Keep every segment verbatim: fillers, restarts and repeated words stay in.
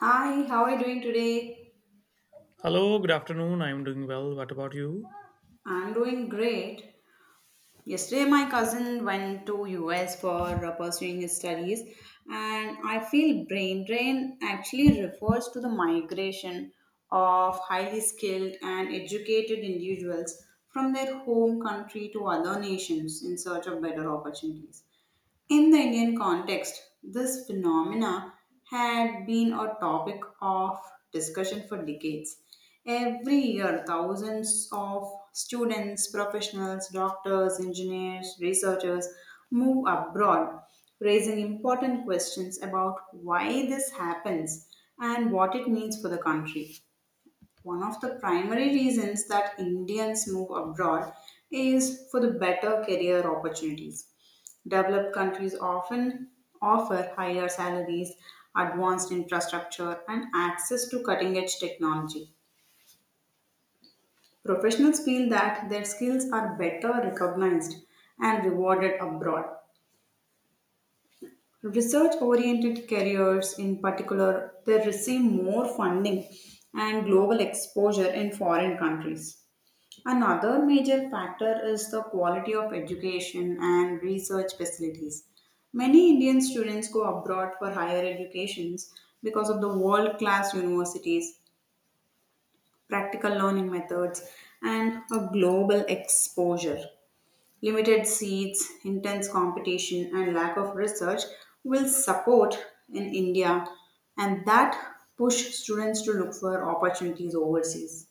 Hi, how are you doing today? Hello, good afternoon. I'm doing well. What about you? I'm doing great. Yesterday my cousin went to U S for uh, pursuing his studies, and I feel brain drain actually refers to the migration of highly skilled and educated individuals from their home country to other nations in search of better opportunities. In the Indian context, this phenomena had been a topic of discussion for decades. Every year, thousands of students, professionals, doctors, engineers, researchers move abroad, raising important questions about why this happens and what it means for the country. One of the primary reasons that Indians move abroad is for the better career opportunities. Developed countries often offer higher salaries, advanced infrastructure, and access to cutting edge technology. Professionals feel that their skills are better recognized and rewarded abroad. Research oriented careers, in particular, they receive more funding and global exposure in foreign countries. Another major factor is the quality of education and research facilities. Many Indian students go abroad for higher educations because of the world class universities, practical learning methods, and a global exposure. Limited seats, intense competition, and lack of research will support in India, and that push students to look for opportunities overseas.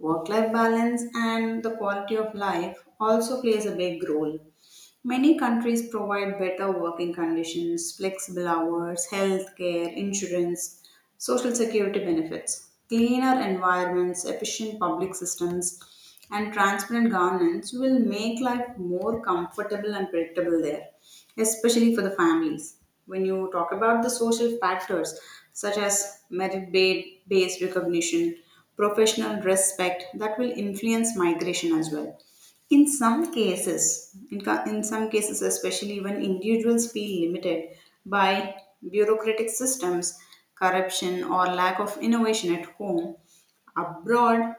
Work life balance and the quality of life also plays a big role. Many countries provide better working conditions, flexible hours, health care, insurance, social security benefits. Cleaner environments, efficient public systems, and transparent governance will make life more comfortable and predictable there, especially for the families. When you talk about the social factors such as merit ba- based recognition, professional respect, that will influence migration as well. In some cases, in, ca- in some cases, especially when individuals feel limited by bureaucratic systems, corruption, or lack of innovation at home, abroad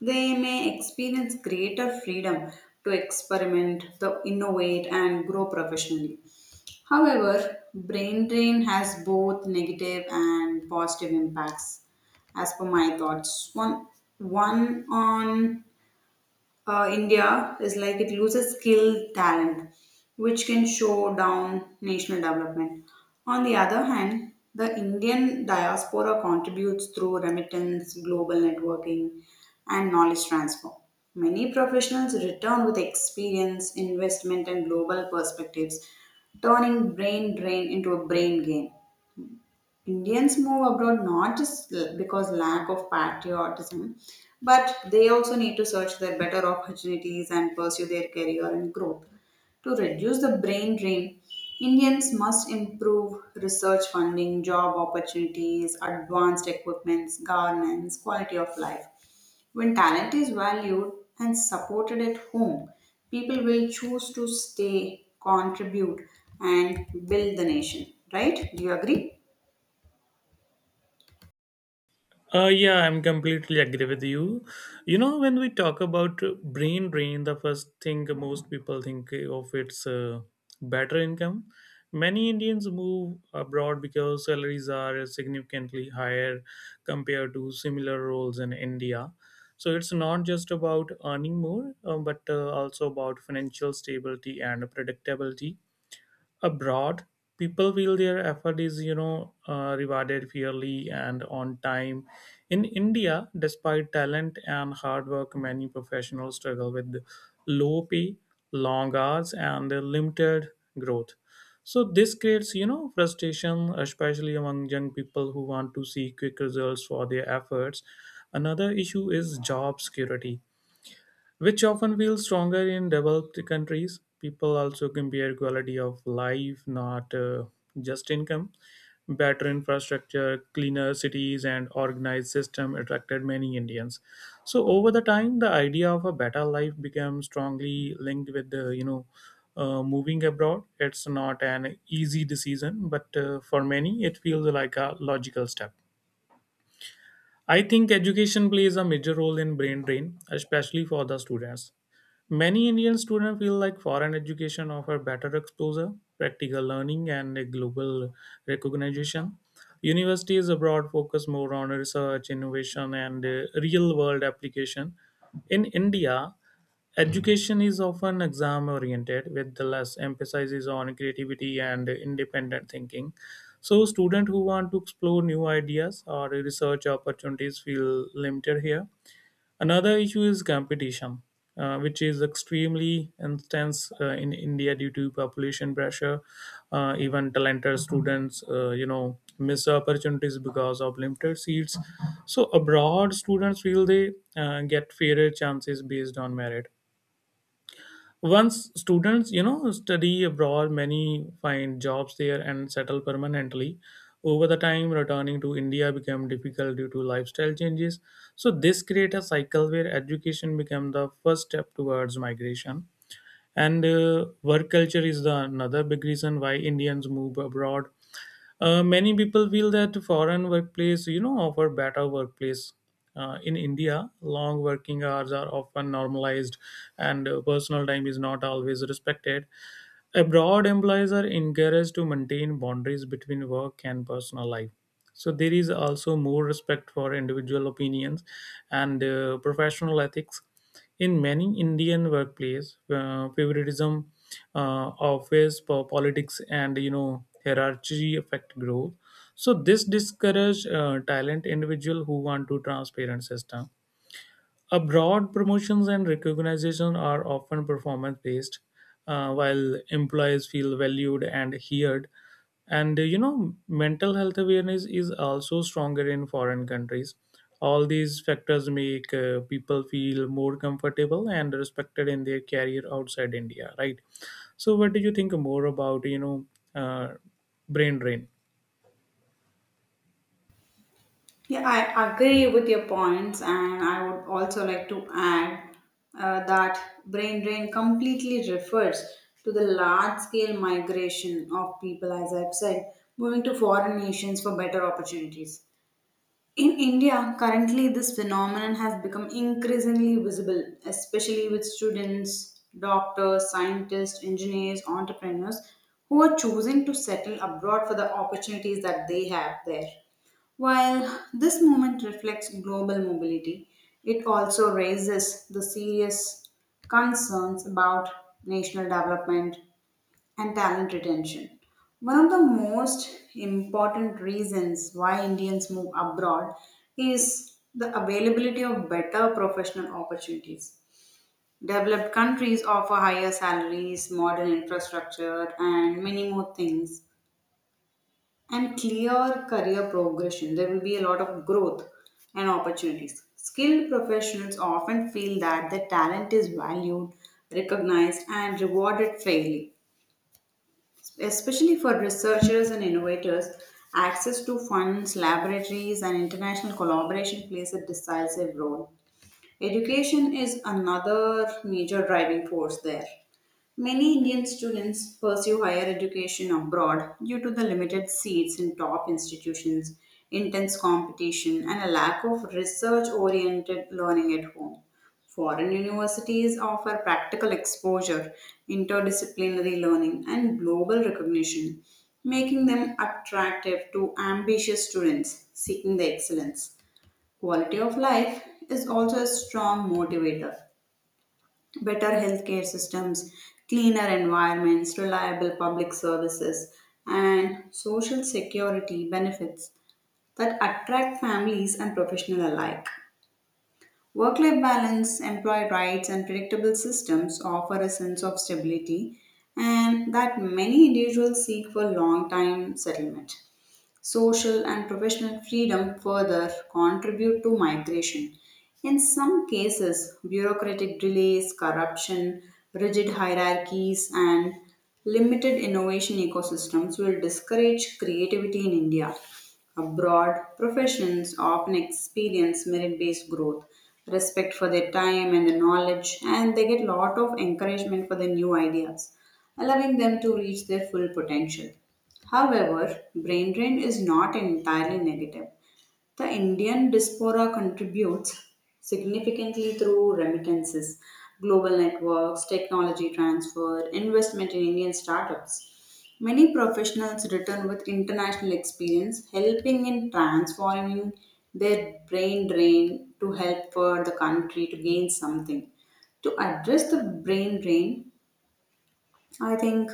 they may experience greater freedom to experiment, to innovate, and grow professionally. However, brain drain has both negative and positive impacts as per my thoughts. One, one on uh, India is like it loses skilled talent, which can show down national development. On the other hand, the Indian diaspora contributes through remittance, global networking, and knowledge transfer. Many professionals return with experience, investment, and global perspectives, turning brain drain into a brain gain. Indians move abroad not just l- because lack of patriotism, but they also need to search their better opportunities and pursue their career and growth. To reduce the brain drain, Indians must improve research funding, job opportunities, advanced equipments, governance, quality of life. When talent is valued and supported at home, people will choose to stay, contribute, and build the nation. Right? Do you agree? Uh, yeah, I'm completely agree with you. You know, when we talk about uh, brain drain, the first thing most people think of it's uh, better income. Many Indians move abroad because salaries are significantly higher compared to similar roles in India. So it's not just about earning more, uh, but uh, also about financial stability and predictability. Abroad, people feel their effort is you know uh, rewarded fairly and on time. In india despite talent and hard work, many professionals struggle with low pay, long hours, and limited growth. So this creates you know frustration, especially among young people who want to see quick results for their efforts. Another issue is job security, which often feels stronger in developed countries. People also compare quality of life, not uh, just income. Better infrastructure, cleaner cities, and organized system attracted many Indians. So over the time, the idea of a better life became strongly linked with the you know uh, moving abroad. It's not an easy decision, but uh, for many, it feels like a logical step. I think education plays a major role in brain drain, especially for the students. Many Indian students feel like foreign education offer better exposure, practical learning, and a global recognition. Universities abroad focus more on research, innovation, and real world application. In India, education is often exam oriented with the less emphasis on creativity and independent thinking. So students who want to explore new ideas or research opportunities feel limited here. Another issue is competition, uh, which is extremely intense uh, in India due to population pressure. Uh, even talented students, uh, you know, miss opportunities because of limited seats. So abroad, students feel they uh, get fairer chances based on merit. Once students, you know, study abroad, many find jobs there and settle permanently. Over the time, returning to India became difficult due to lifestyle changes. So this create a cycle where education became the first step towards migration. And uh, work culture is the another big reason why Indians move abroad. Uh, many people feel that foreign workplace, you know, offer better workplace. Uh, in India, long working hours are often normalized, and uh, personal time is not always respected. Abroad, employees are encouraged to maintain boundaries between work and personal life. So there is also more respect for individual opinions and uh, professional ethics. In many Indian workplace, uh, favoritism, uh, office po- politics, and you know hierarchy affect growth. So this discourage uh, talent individual who want to transparent system. Abroad, promotions and recognition are often performance based, uh, while employees feel valued and heard. And uh, you know, mental health awareness is also stronger in foreign countries. All these factors make uh, people feel more comfortable and respected in their career outside India, right? So, what do you think more about, you know, uh, brain drain? Yeah, I agree with your points, and I would also like to add uh, that brain drain completely refers to the large scale migration of people, as I've said, moving to foreign nations for better opportunities. In India, currently this phenomenon has become increasingly visible, especially with students, doctors, scientists, engineers, entrepreneurs who are choosing to settle abroad for the opportunities that they have there. While this movement reflects global mobility, it also raises the serious concerns about national development, and talent retention. One of the most important reasons why Indians move abroad is the availability of better professional opportunities. Developed countries offer higher salaries, modern infrastructure, and many more things, and clear career progression. There will be a lot of growth and opportunities. Skilled professionals often feel that their talent is valued, recognized, and rewarded fairly. Especially for researchers and innovators, access to funds, laboratories, and international collaboration plays a decisive role. Education is another major driving force there. Many Indian students pursue higher education abroad due to the limited seats in top institutions, intense competition, and a lack of research oriented learning at home. Foreign universities offer practical exposure, interdisciplinary learning, and global recognition, making them attractive to ambitious students seeking the excellence. Quality of life is also a strong motivator. Better healthcare systems, cleaner environments, reliable public services, and social security benefits that attract families and professionals alike. Work life balance, employee rights, and predictable systems offer a sense of stability and that many individuals seek for long time settlement. Social and professional freedom further contribute to migration. In some cases, bureaucratic delays, corruption, rigid hierarchies, and limited innovation ecosystems will discourage creativity in India. Abroad, professions often experience merit based growth, respect for their time and their knowledge, and they get a lot of encouragement for their new ideas, allowing them to reach their full potential. However, brain drain is not entirely negative. The Indian diaspora contributes significantly through remittances, global networks, technology transfer, investment in Indian startups. Many professionals return with international experience, helping in transforming their brain drain to help for the country to gain something. To address the brain drain, I think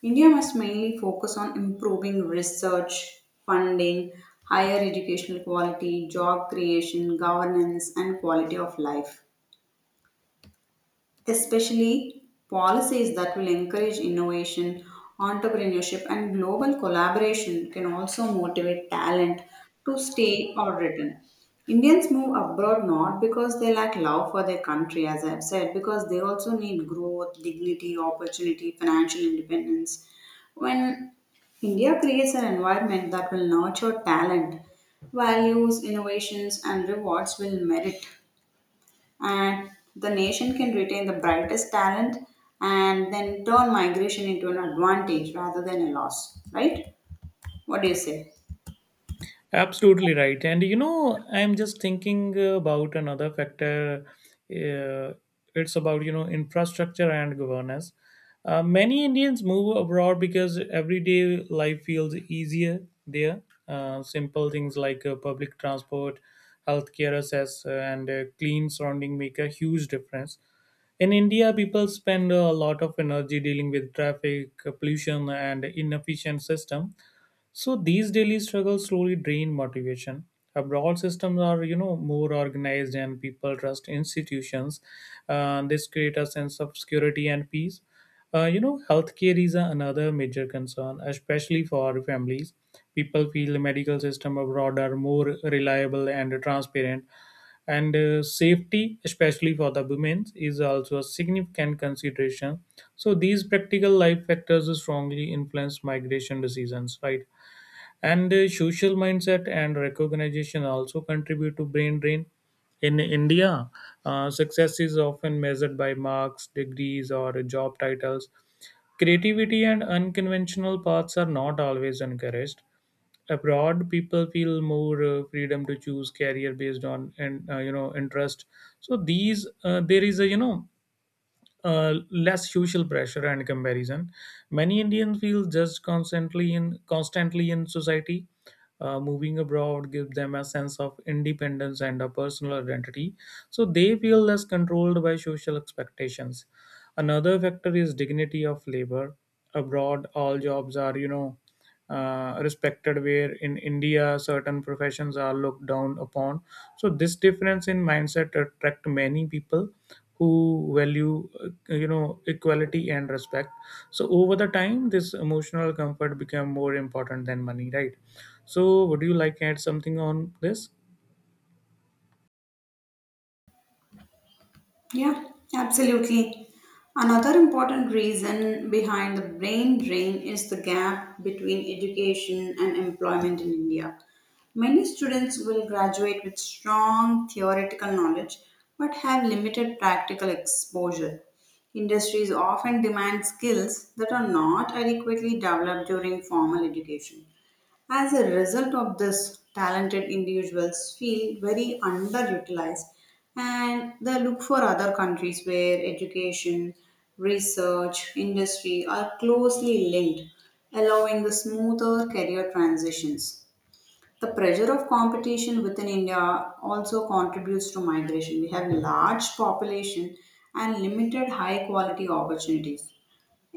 India must mainly focus on improving research, funding, higher educational quality, job creation, governance, and quality of life, especially policies that will encourage innovation, entrepreneurship, and global collaboration can also motivate talent to stay or return. Indians move abroad not because they lack love for their country, as I've said, because they also need growth, dignity, opportunity, financial independence. When India creates an environment that will nurture talent, values, innovations, and rewards will merit, and the nation can retain the brightest talent and then turn migration into an advantage rather than a loss. Right? What do you say? Absolutely right. And you know, I'm just thinking about another factor. Uh, it's about, you know, infrastructure and governance. Uh, many Indians move abroad because everyday life feels easier there. Uh, simple things like uh, public transport, healthcare access, uh, and uh, clean surrounding make a huge difference. In India, people spend a lot of energy dealing with traffic, pollution, and inefficient system. So these daily struggles slowly drain motivation. Abroad systems are, you know, more organized and people trust institutions. Uh, this create a sense of security and peace. Uh, you know, healthcare is a- another major concern, especially for families. People feel the medical system abroad are more reliable and transparent, and uh, safety, especially for the women, is also a significant consideration. So these practical life factors strongly influence migration decisions, right? And uh, social mindset and recognition also contribute to brain drain in India. Uh, success is often measured by marks, degrees, or job titles. Creativity and unconventional paths are not always encouraged. Abroad, people feel more uh, freedom to choose career based on and uh, you know interest. So these uh, there is a you know uh, less social pressure and comparison. Many Indians feel judged constantly in constantly in society. Uh, moving abroad gives them a sense of independence and a personal identity, so they feel less controlled by social expectations. Another factor is dignity of labor. Abroad, all jobs are, you know, uh, respected, where in India, certain professions are looked down upon. So, this difference in mindset attract many people who value, uh, you know, equality and respect. So, over the time, this emotional comfort become more important than money, right? So, would you like to add something on this? Yeah, absolutely. Another important reason behind the brain drain is the gap between education and employment in India. Many students will graduate with strong theoretical knowledge but have limited practical exposure. Industries often demand skills that are not adequately developed during formal education. As a result of this, talented individuals feel very underutilized and they look for other countries where education, research, industry are closely linked, allowing the smoother career transitions. The pressure of competition within India also contributes to migration. We have large population and limited high quality opportunities.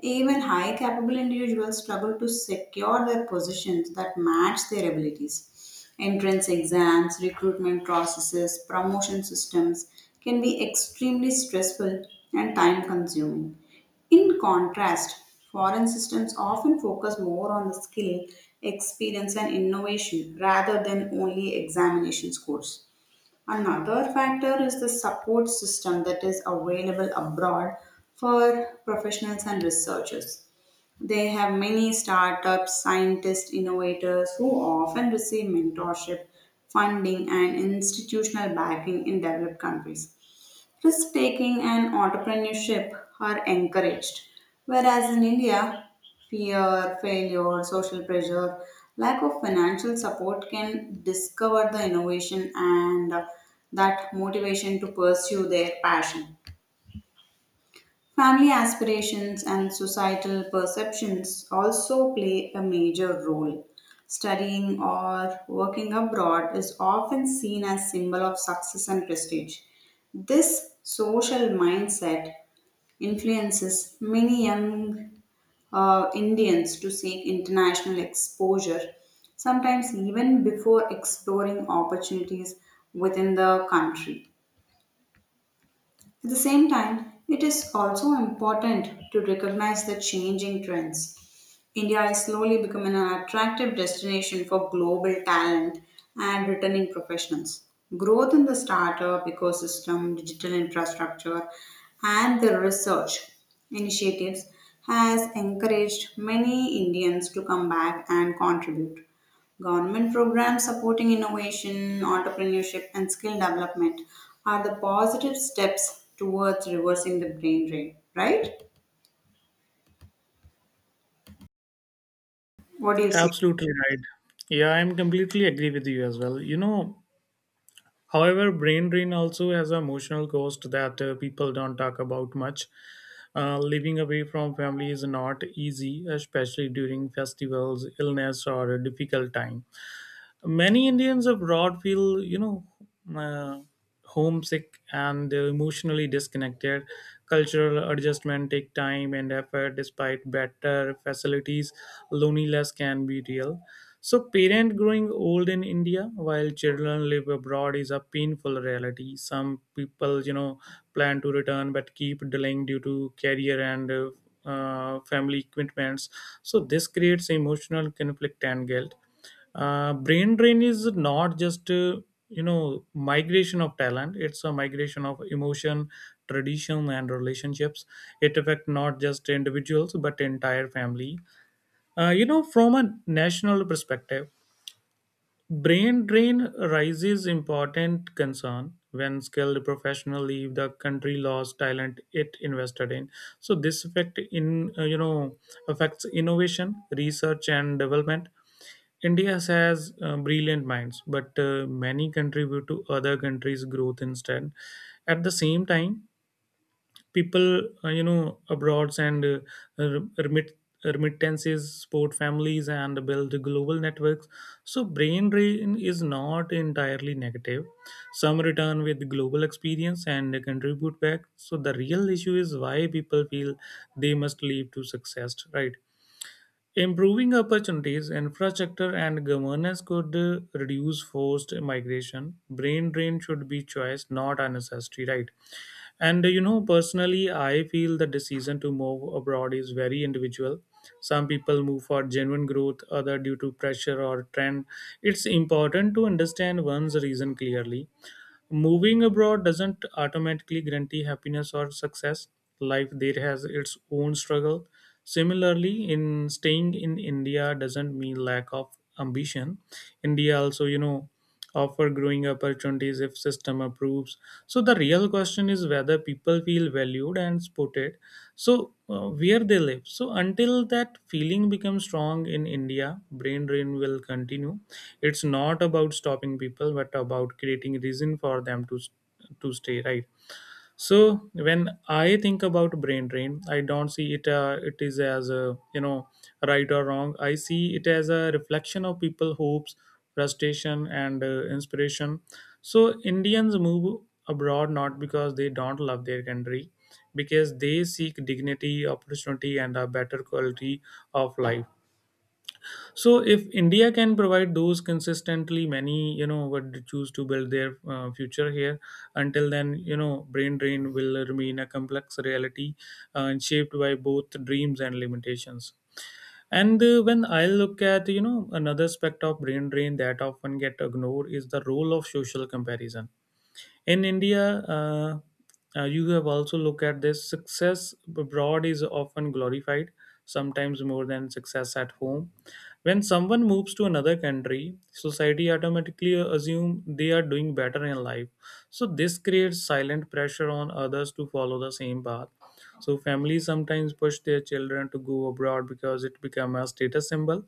Even high capable individuals struggle to secure their positions that match their abilities. Entrance exams, recruitment processes, promotion systems can be extremely stressful and time consuming. In contrast, foreign systems often focus more on the skill, experience, and innovation rather than only examination scores. Another factor is the support system that is available abroad for professionals and researchers. They have many startups, scientists, innovators who often receive mentorship, funding, and institutional backing in developed countries. Risk taking and entrepreneurship are encouraged. Whereas in India, fear, failure, social pressure, lack of financial support can discover the innovation and uh, that motivation to pursue their passion. Family aspirations and societal perceptions also play a major role. Studying or working abroad is often seen as symbol of success and prestige. This social mindset influences many young uh, Indians to seek international exposure, sometimes even before exploring opportunities within the country. At the same time, it is also important to recognize the changing trends. India is slowly becoming an attractive destination for global talent and returning professionals. Growth in the startup ecosystem, digital infrastructure, and the research initiatives has encouraged many Indians to come back and contribute. Government programs supporting innovation, entrepreneurship, and skill development are the positive steps towards reversing the brain drain, right? What do you say? Absolutely right. Yeah, I'm completely agree with you as well. You know, However, brain drain also has an emotional cost that uh, people don't talk about much. Uh, living away from family is not easy, especially during festivals, illness, or a difficult time. Many Indians abroad feel, you know, uh, homesick and uh, emotionally disconnected. Cultural adjustment take time and effort. Despite better facilities, loneliness can be real. So, parent growing old in India while children live abroad is a painful reality. Some people, you know, plan to return but keep delaying due to career and uh, uh, family commitments. So, this creates emotional conflict and guilt. Uh, brain drain is not just uh, you know migration of talent. It's a migration of emotion, tradition, and relationships. It affect not just individuals but entire family uh, you know from a national perspective. Brain drain rises important concern when skilled professionals leave the country, lost talent it invested in. So this effect in uh, you know affects innovation, research, and development. India has uh, brilliant minds, but uh, many contribute to other countries' growth instead. At the same time, people uh, you know abroads and uh, remit remittances support families and build global networks. So brain drain is not entirely negative. Some return with global experience and contribute back. So the real issue is why people feel they must leave to success, right? Improving opportunities, infrastructure, and governance could uh, reduce forced migration. Brain drain should be choice, not a necessity, right? And uh, you know, personally, I feel the decision to move abroad is very individual. Some people move for genuine growth, other due to pressure or trend. It's important to understand one's reason clearly. Moving abroad doesn't automatically guarantee happiness or success. Life there has its own struggle. Similarly, in staying in India doesn't mean lack of ambition. India also, you know, offer growing opportunities if system approves. So the real question is whether people feel valued and supported. So uh, where they live. So until that feeling becomes strong in India, brain drain will continue. It's not about stopping people, but about creating reason for them to to stay. Right. So when I think about brain drain, I don't see it uh, it is as a you know right or wrong. I see it as a reflection of people hopes, frustration, and uh, inspiration. So Indians move abroad not because they don't love their country, because they seek dignity, opportunity, and a better quality of life. So if India can provide those consistently, many you know would choose to build their uh, future here. Until then, you know, brain drain will remain a complex reality, uh, shaped by both dreams and limitations. And uh, when I look at you know another aspect of brain drain that often get ignored is the role of social comparison in India. uh, uh, you have also look at this. Success abroad is often glorified, sometimes more than success at home. When someone moves to another country, society automatically assume they are doing better in life. So this creates silent pressure on others to follow the same path. So families sometimes push their children to go abroad because it become a status symbol.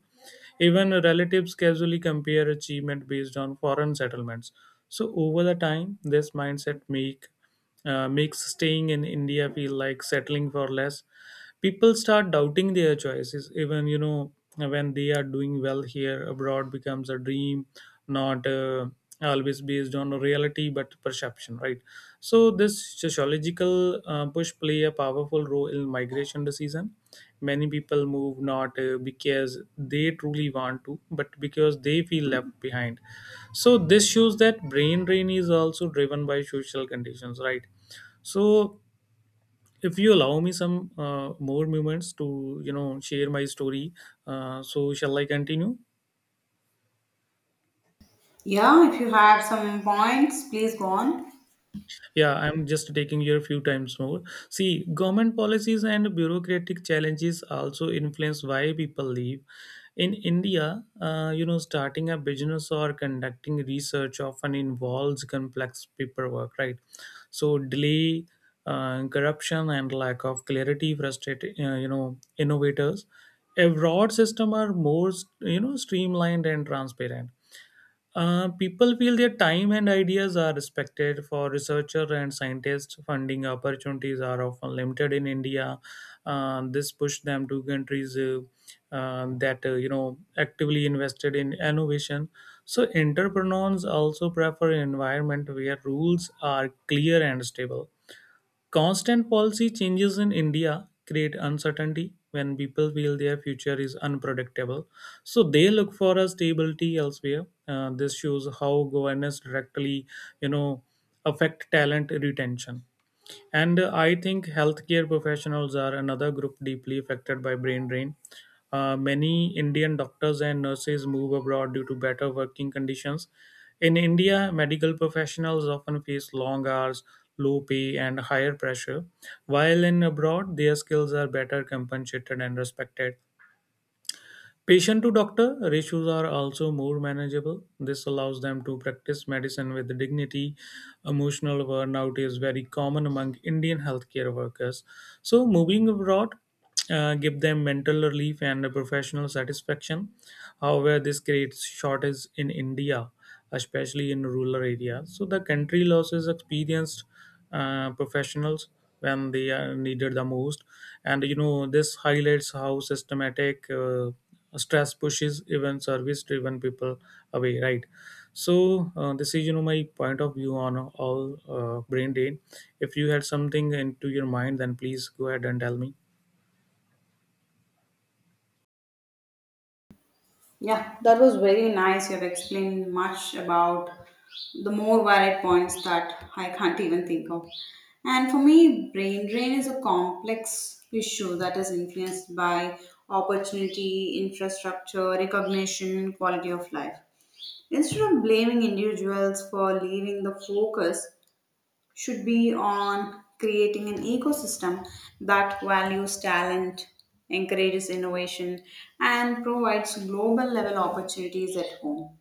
Even relatives casually compare achievement based on foreign settlements. So over the time, this mindset make uh, makes staying in India feel like settling for less. People start doubting their choices, even you know when they are doing well here. Abroad becomes a dream, not uh, always based on reality but perception, right? So this sociological uh, push play a powerful role in migration decision. Many people move not uh, because they truly want to, but because they feel left behind. So this shows that brain drain is also driven by social conditions, right? So if you allow me some uh, more moments to you know share my story, uh, so shall I continue? Yeah, if you have some points, please go on. Yeah, I'm just taking here a few times more. See, government policies and bureaucratic challenges also influence why people leave. In India, uh, you know, starting a business or conducting research often involves complex paperwork, right? So delay, uh, corruption, and lack of clarity frustrate uh, you know innovators. A broad system are more you know streamlined and transparent, uh, people feel their time and ideas are respected. For researcher and scientists, funding opportunities are often limited in India. Uh, this pushed them to countries uh, uh, that uh, you know actively invested in innovation. So entrepreneurs also prefer an environment where rules are clear and stable. Constant policy changes in India create uncertainty when people feel their future is unpredictable. So they look for a stability elsewhere. Uh, this shows how governance directly, you know, affect talent retention. And uh, I think healthcare professionals are another group deeply affected by brain drain. Uh, many Indian doctors and nurses move abroad due to better working conditions. In India, medical professionals often face long hours, low pay, and higher pressure, while in abroad, their skills are better compensated and respected. Patient to doctor ratios are also more manageable. This allows them to practice medicine with dignity. Emotional burnout is very common among Indian healthcare workers. So, moving abroad uh, give them mental relief and professional satisfaction. However, this creates shortage in India, especially in rural areas. So, the country losses experienced uh, professionals when they are needed the most, and you know this highlights how systematic uh, stress pushes even service driven people away, right? So uh, this is you know my point of view on all uh, brain drain. If you had something into your mind, then please go ahead and tell me. Yeah, that was very nice. You have explained much about the more varied points that I can't even think of. And for me, brain drain is a complex issue that is influenced by opportunity, infrastructure, recognition, quality of life. Instead of blaming individuals for leaving the focus, should be on creating an ecosystem that values talent, encourages innovation, and provides global level opportunities at home.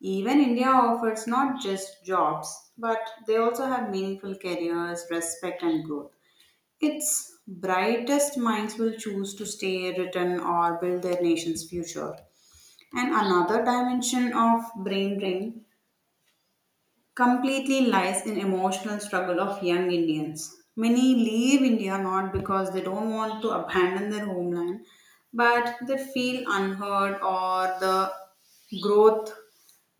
Even India offers not just jobs, but they also have meaningful careers, respect, and growth. Its brightest minds will choose to stay, return, or build their nation's future. And another dimension of brain drain completely lies in emotional struggle of young Indians. Many leave India not because they don't want to abandon their homeland, but they feel unheard or the growth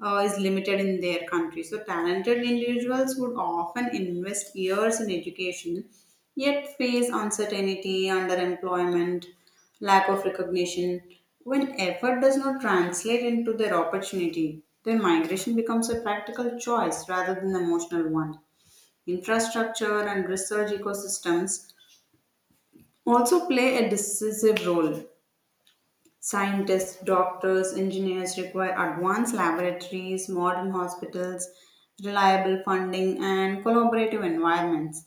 uh, is limited in their country. So, talented individuals would often invest years in education, yet face uncertainty, underemployment, lack of recognition. When effort does not translate into their opportunity, their migration becomes a practical choice rather than an emotional one. Infrastructure and research ecosystems also play a decisive role. Scientists, doctors, engineers require advanced laboratories, modern hospitals, reliable funding, and collaborative environments.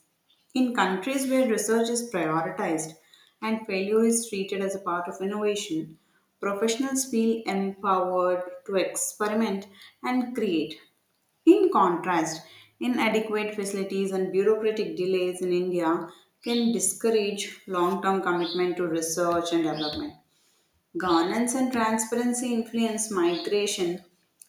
In countries where research is prioritized and failure is treated as a part of innovation, professionals feel empowered to experiment and create. In contrast, inadequate facilities and bureaucratic delays in India can discourage long term commitment to research and development. Governance and transparency influence migration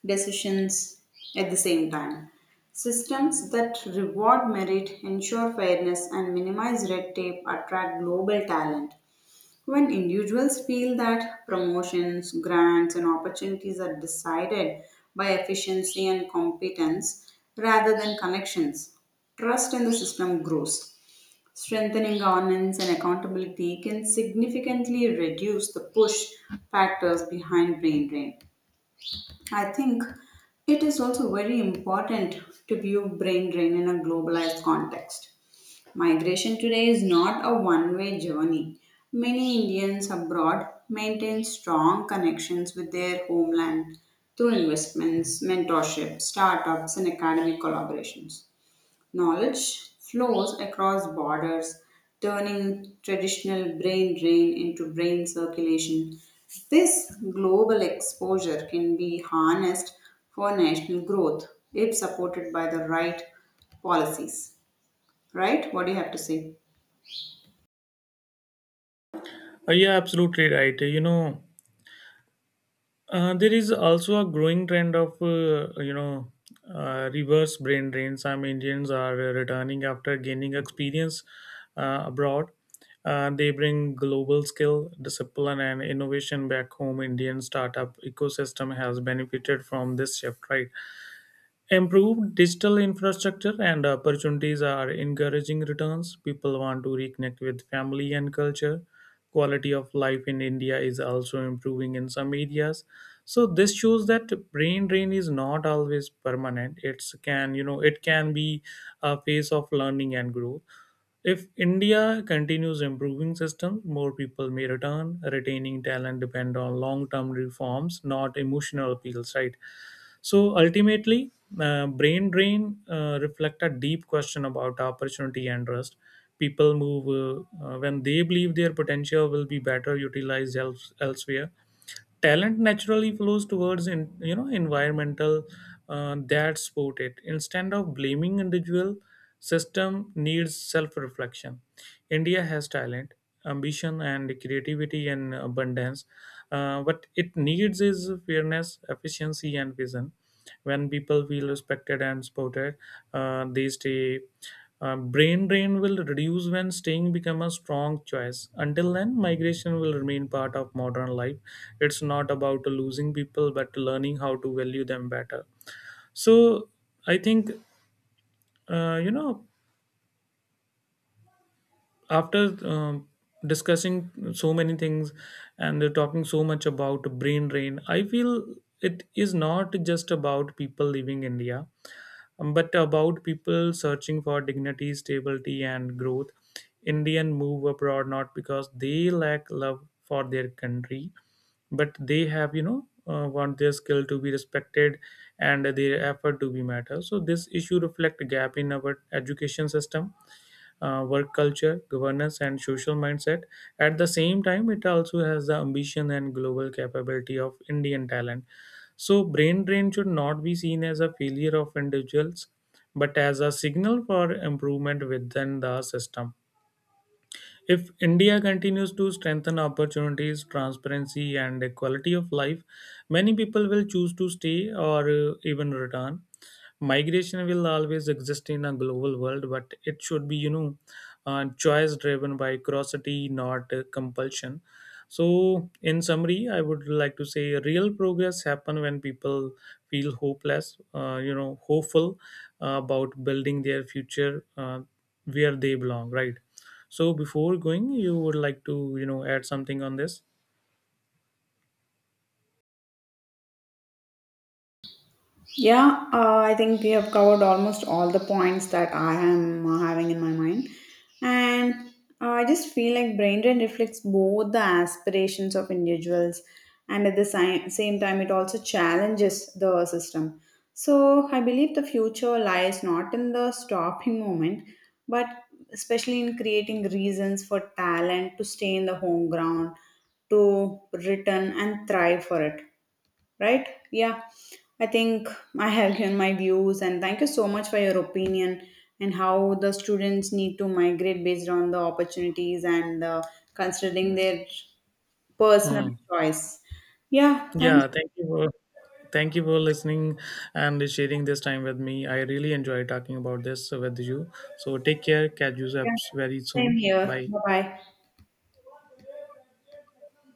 decisions at the same time. Systems that reward merit, ensure fairness, and minimize red tape attract global talent. When individuals feel that promotions, grants, and opportunities are decided by efficiency and competence rather than connections, trust in the system grows. Strengthening governance and accountability can significantly reduce the push factors behind brain drain. I think it is also very important to view brain drain in a globalized context. Migration today is not a one way journey. Many Indians abroad maintain strong connections with their homeland through investments, mentorship, startups, and academic collaborations. Knowledge flows across borders, turning traditional brain drain into brain circulation. This global exposure can be harnessed for national growth if supported by the right policies. Right? What do you have to say? Uh, yeah, absolutely right. You know Uh, there is also a growing trend of uh, you know uh, reverse brain drain. Some Indians are uh, returning after gaining experience uh, abroad. Uh, they bring global skill, discipline, and innovation back home. Indian startup ecosystem has benefited from this shift, right? Improved digital infrastructure and opportunities are encouraging returns. People want to reconnect with family and culture. Quality of life in India is also improving in some areas. So this shows that brain drain is not always permanent. It's can you know it can be a phase of learning and growth. If India continues improving systems, more people may return. Retaining talent depend on long-term reforms, not emotional appeals, right? So ultimately, uh, brain drain uh, reflect a deep question about opportunity and trust. People move uh, uh, when they believe their potential will be better utilized else, elsewhere. Talent naturally flows towards in, you know environmental uh, that support it. Instead of blaming individual, system needs self reflection. India has talent, ambition, and creativity and abundance. Uh, what it needs is fairness, efficiency, and vision. When people feel respected and supported, uh, they stay. Uh, brain drain will reduce when staying become a strong choice. Until then, migration will remain part of modern life. It's not about losing people but learning how to value them better. So I think uh, you know after um, discussing so many things and talking so much about brain drain, I feel it is not just about people leaving India, Um, but about people searching for dignity, stability, and growth. Indian move abroad not because they lack love for their country, but they have, you know, uh, want their skill to be respected and their effort to be matter. So this issue reflect a gap in our education system, uh, work culture, governance, and social mindset. At the same time, it also has the ambition and global capability of Indian talent. So, brain drain should not be seen as a failure of individuals, but as a signal for improvement within the system. If India continues to strengthen opportunities, transparency, and the quality of life, many people will choose to stay or uh, even return. Migration will always exist in a global world, but it should be you know uh, choice driven by curiosity, not uh, compulsion. So in summary, I would like to say real progress happen when people feel hopeless uh, you know hopeful uh, about building their future, uh, where they belong, right? So before going, you would like to you know add something on this? Yeah, uh, I think we have covered almost all the points that I am uh, having in my mind. And uh, I just feel like brain drain reflects both the aspirations of individuals, and at the si- same time it also challenges the system. So I believe the future lies not in the stopping moment, but especially in creating reasons for talent to stay in the home ground, to return and thrive for it, right? Yeah, I think I have given my views, and thank you so much for your opinion and how the students need to migrate based on the opportunities and uh, considering their personal Hmm. choice. Yeah, thank Yeah, you. thank you for thank you for listening and sharing this time with me. I really enjoy talking about this with you. So take care. Catch you up Yeah, very same soon. here. Bye. Bye bye.